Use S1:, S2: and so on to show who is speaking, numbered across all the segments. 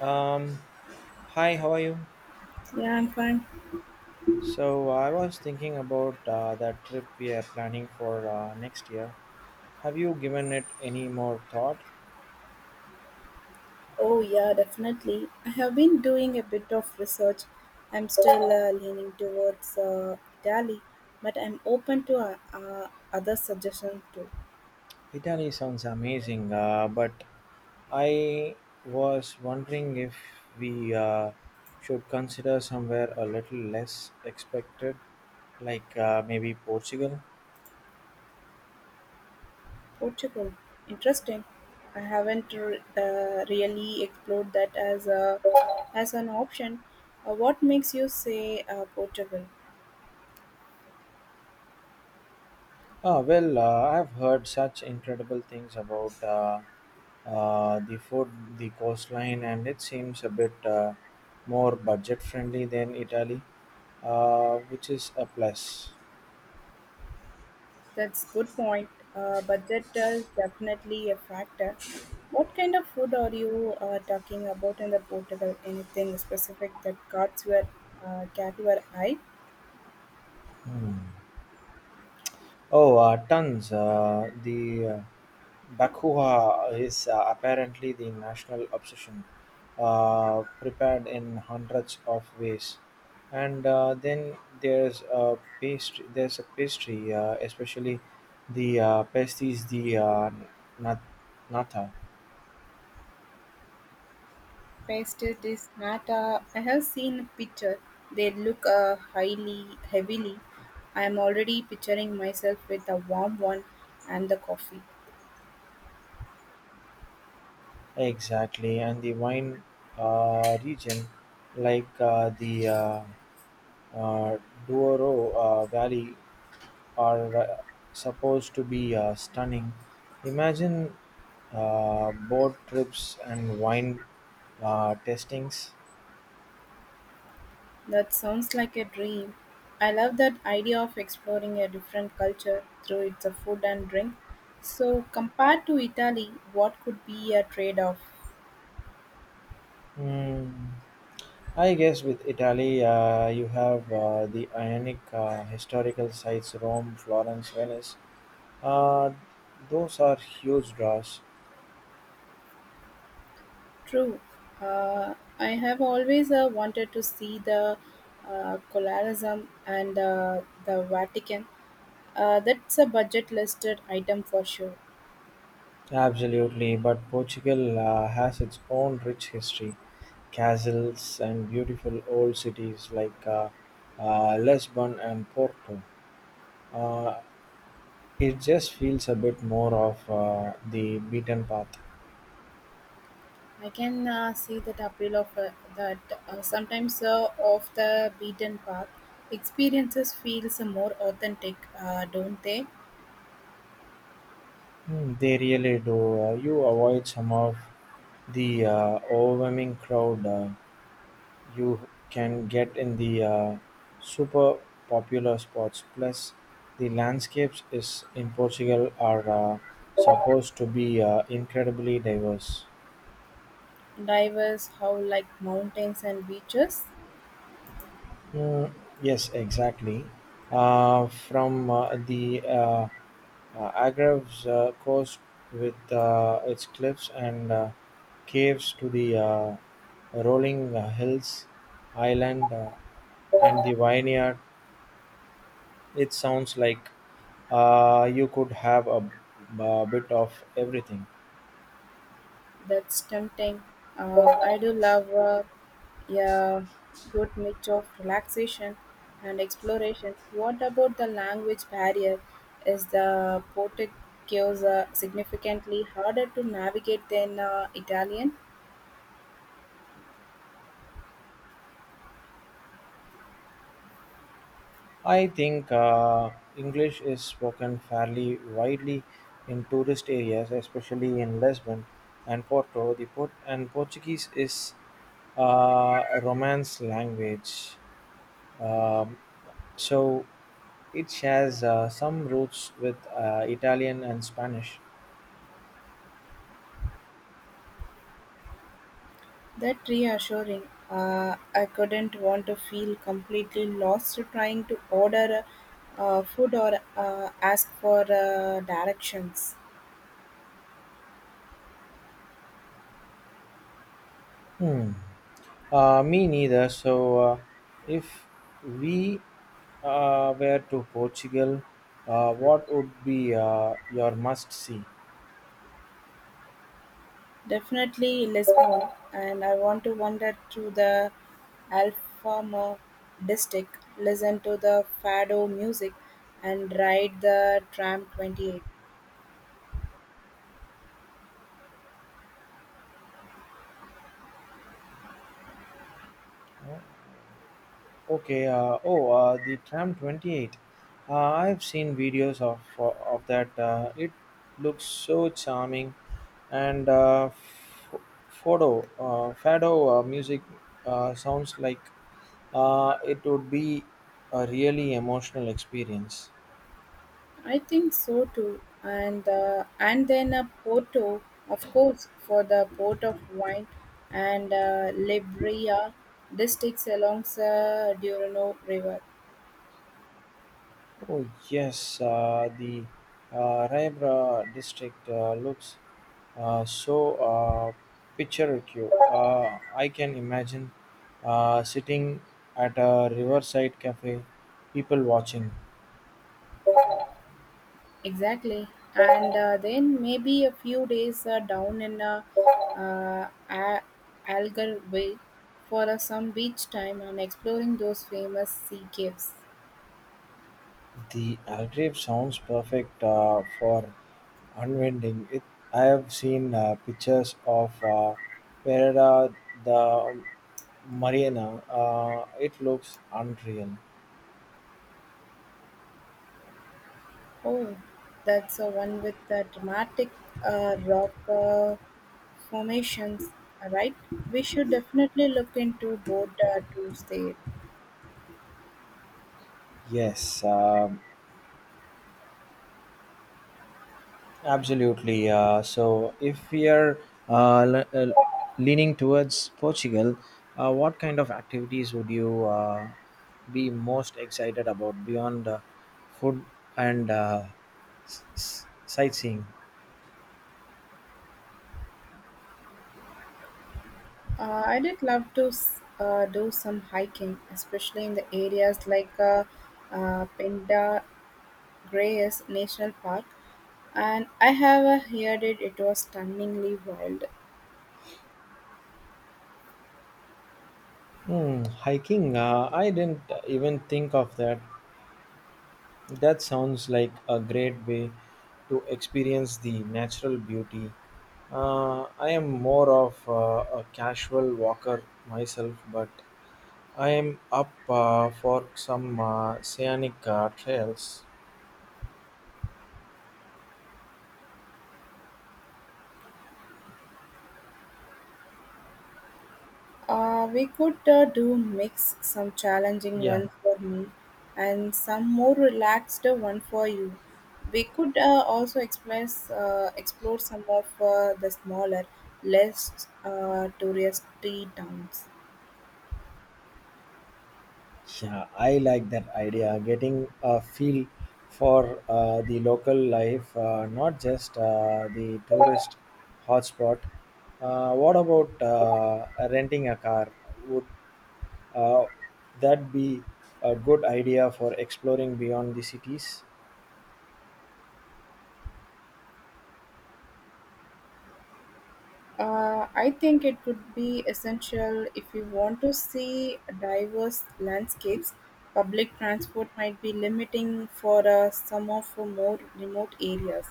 S1: Um, Hi, how are you?
S2: Yeah, I'm fine.
S1: So I was thinking about that trip we are planning for next year. Have you given it any more thought?
S2: Oh, yeah, definitely. I have been doing a bit of research. I'm still leaning towards Italy, but I'm open to other suggestions too.
S1: Italy sounds amazing, but I was wondering if we should consider somewhere a little less expected, like maybe Portugal.
S2: Portugal, interesting. I haven't really explored that as a as an option. What makes you say Portugal?
S1: I've heard such incredible things about the food, the coastline, and it seems a bit more budget friendly than Italy, which is a plus.
S2: That's good point. Budget is definitely a factor. What kind of food are you talking about in the Portugal? Anything specific that caught your eye?
S1: Hmm. Oh, tons. The Bakuha is apparently the national obsession, prepared in hundreds of ways. And then there's a pastry, especially the pasties, the nat- nata,
S2: Pastries, nata. I have seen a picture. They look highly heavily. I am already picturing myself with a warm one and the coffee.
S1: exactly, and the wine region, like the uh, Douro Valley are supposed to be stunning. Imagine boat trips and wine tastings.
S2: That sounds like a dream. I love that idea of exploring a different culture through its food and drink. So, compared to Italy, what could be a trade off?
S1: Hmm. I guess with Italy, you have the Ionic historical sites Rome, Florence, Venice. Uh, those are huge draws.
S2: True. I have always wanted to see the Colorism and the Vatican. That's a budget listed item for sure.
S1: Absolutely, but Portugal has its own rich history, castles and beautiful old cities like Lisbon and Porto. Uh, it just feels a bit more of the beaten path.
S2: I can see that appeal of that sometimes off the beaten path experiences feels more authentic, don't they?
S1: Mm, they really do. You avoid some of the overwhelming crowd you can get in the super popular spots. Plus, the landscapes is in Portugal are supposed to be incredibly diverse.
S2: Divers how like mountains and beaches.
S1: Mm, yes, exactly. From the Argrave's coast, with its cliffs and caves to the rolling hills, island, and the vineyard, it sounds like you could have a bit of everything.
S2: That's tempting. I do love yeah good mix of relaxation and exploration. What about the language barrier? Is the Portuguese significantly harder to navigate than Italian?
S1: I think English is spoken fairly widely in tourist areas, especially in Lisbon and Porto. The port and Portuguese is a Romance language. Um, So it shares some roots with Italian and Spanish.
S2: That reassuring. I couldn't want to feel completely lost trying to order food or ask for directions.
S1: Hmm. Me neither. So if we were to Portugal, what would be your must see?
S2: Definitely Lisbon, and I want to wander through the Alfama district, listen to the fado music, and ride the tram 28.
S1: Okay. Oh, the tram 28. Uh, I've seen videos of that. It looks so charming, and photo fado music sounds like it would be a really emotional experience.
S2: I think so too, and and then a Porto, of course, for the port of wine and Libria districts along the Durano River.
S1: Oh yes, the Raibra district looks so picturesque. I can imagine sitting at a riverside cafe, people watching.
S2: Exactly, and then maybe a few days down in uh, A- Algarve for some beach time and exploring those famous sea caves.
S1: The Algarve sounds perfect for unwinding. It. I have seen pictures of Pereira the Marina. It looks unreal.
S2: Oh, that's the one with the dramatic rock formations, right? We should definitely look into both tours there.
S1: Yes. Absolutely. So, if we are uh, le- uh, leaning towards Portugal, what kind of activities would you be most excited about beyond food and sightseeing?
S2: I did love to do some hiking, especially in the areas like Pinda Grayes National Park, and I have heard it was stunningly wild.
S1: Hmm, hiking. I didn't even think of that. That sounds like a great way to experience the natural beauty. I am more of a casual walker myself, but I am up for some scenic trails.
S2: We could do mix some challenging
S1: Yeah,
S2: ones for me and some more relaxed one for you. We could also explore some of the smaller, less touristy towns.
S1: yeah, I like that idea. Getting a feel for the local life, not just the tourist hotspot. What about renting a car? Would uh, that be a good idea for exploring beyond the cities?
S2: I think it would be essential if you want to see diverse landscapes. Public transport might be limiting for some of the more remote areas.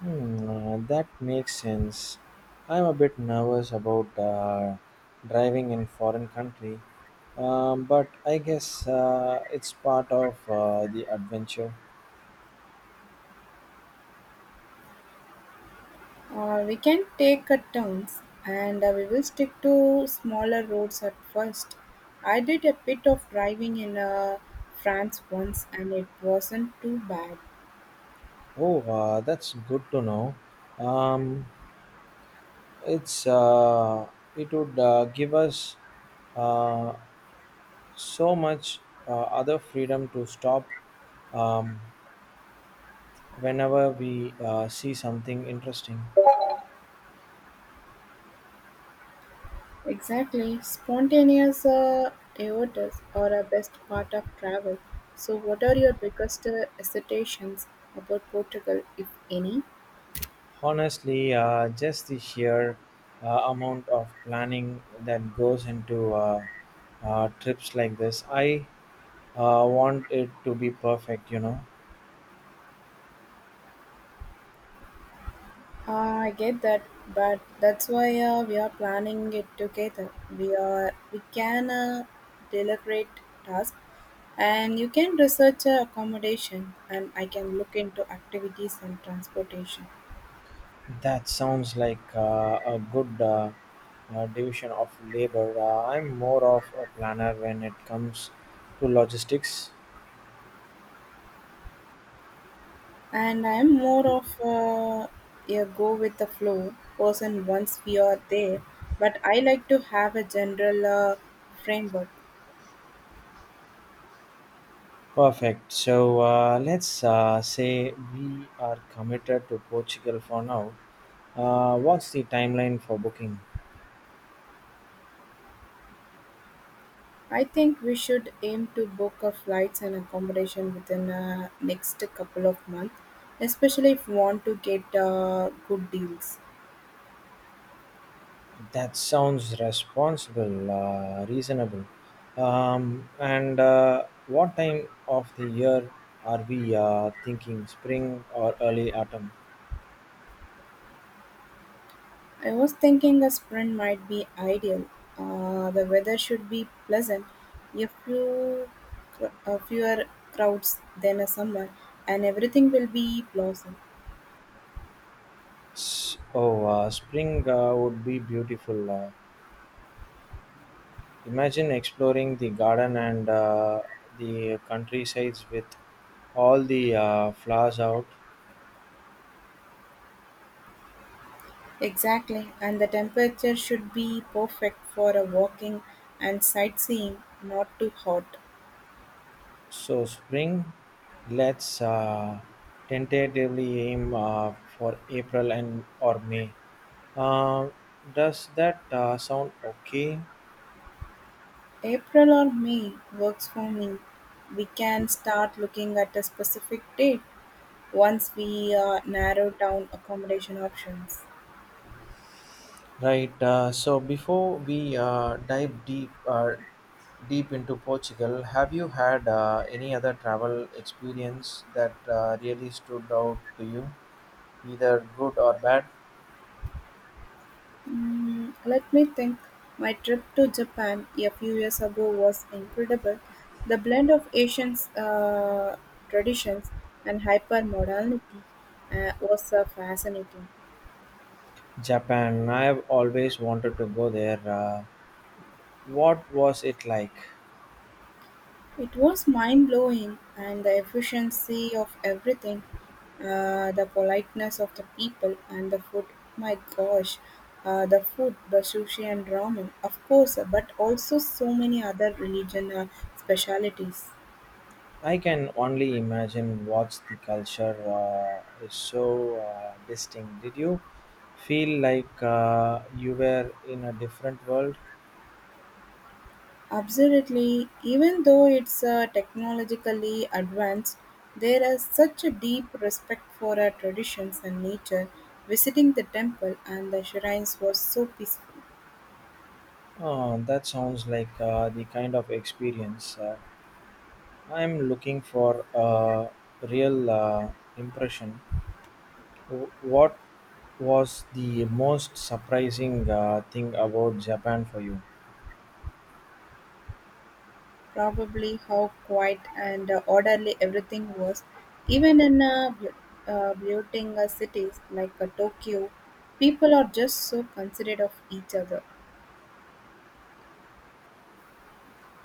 S1: Hmm, that makes sense. I'm a bit nervous about driving in foreign country, but I guess it's part of the adventure.
S2: We can take a turns and we will stick to smaller roads at first. I did a bit of driving in France once and it wasn't too bad.
S1: Oh, that's good to know. Um, it's it would give us uh, so much other freedom to stop um, whenever we see something interesting.
S2: Exactly, spontaneous aortas are a best part of travel. So, what are your biggest hesitations about Portugal, if any?
S1: Honestly, just the sheer amount of planning that goes into trips like this. I want it to be perfect, you know.
S2: I get that, but that's why we are planning it together. We can deliberate task, and you can research accommodation, and I can look into activities and transportation.
S1: That sounds like a good division of labor. I'm more of a planner when it comes to logistics.
S2: And I'm more of a go with the flow person once we are there, but I like to have a general framework.
S1: Perfect. So let's say we are committed to Portugal for now. What's the timeline for booking?
S2: I think we should aim to book our flights and accommodation within the next couple of months, especially if we want to get good deals.
S1: That sounds responsible, reasonable. And what time of the year are we thinking? Spring or early autumn?
S2: I was thinking a sprint might be ideal. The weather should be pleasant, a few, a fewer crowds than a summer, and everything will be blossom.
S1: Spring would be beautiful. Imagine exploring the garden and the countrysides with all the flowers out.
S2: Exactly, and the temperature should be perfect for a walking and sightseeing, not too hot.
S1: So spring, let's tentatively aim for April and or May. Uh, does that sound okay?
S2: April or May works for me. We can start looking at a specific date once we narrow down accommodation options.
S1: Right. So before we dive deep deep into Portugal, have you had any other travel experience that really stood out to you, either good or bad?
S2: Mm, let me think. My trip to Japan a few years ago was incredible. The blend of Asian traditions and hyper modernity was fascinating.
S1: Japan. I have always wanted to go there. What was it like?
S2: It was mind-blowing, and the efficiency of everything, the politeness of the people, and the food. My gosh, the food, the sushi and ramen, of course, but also so many other religion specialities.
S1: I can only imagine what's the culture is so distinct. Did you feel like you were in a different world?
S2: Absolutely, even though it's technologically advanced, there is such a deep respect for our traditions and nature. Visiting the temple and the shrines was so peaceful.
S1: Oh, that sounds like the kind of experience I'm looking for a real impression. What was the most surprising thing about Japan for you?
S2: Probably how quiet and orderly everything was, even in bloating cities like Tokyo, people are just so considerate of each other.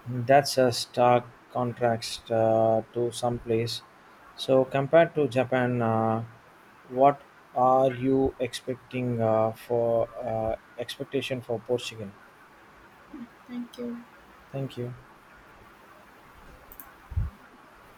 S1: That's a stark contrast to some place. So, compared to Japan, what are you expecting for expectation for Portugal?
S2: Thank you.
S1: Thank you.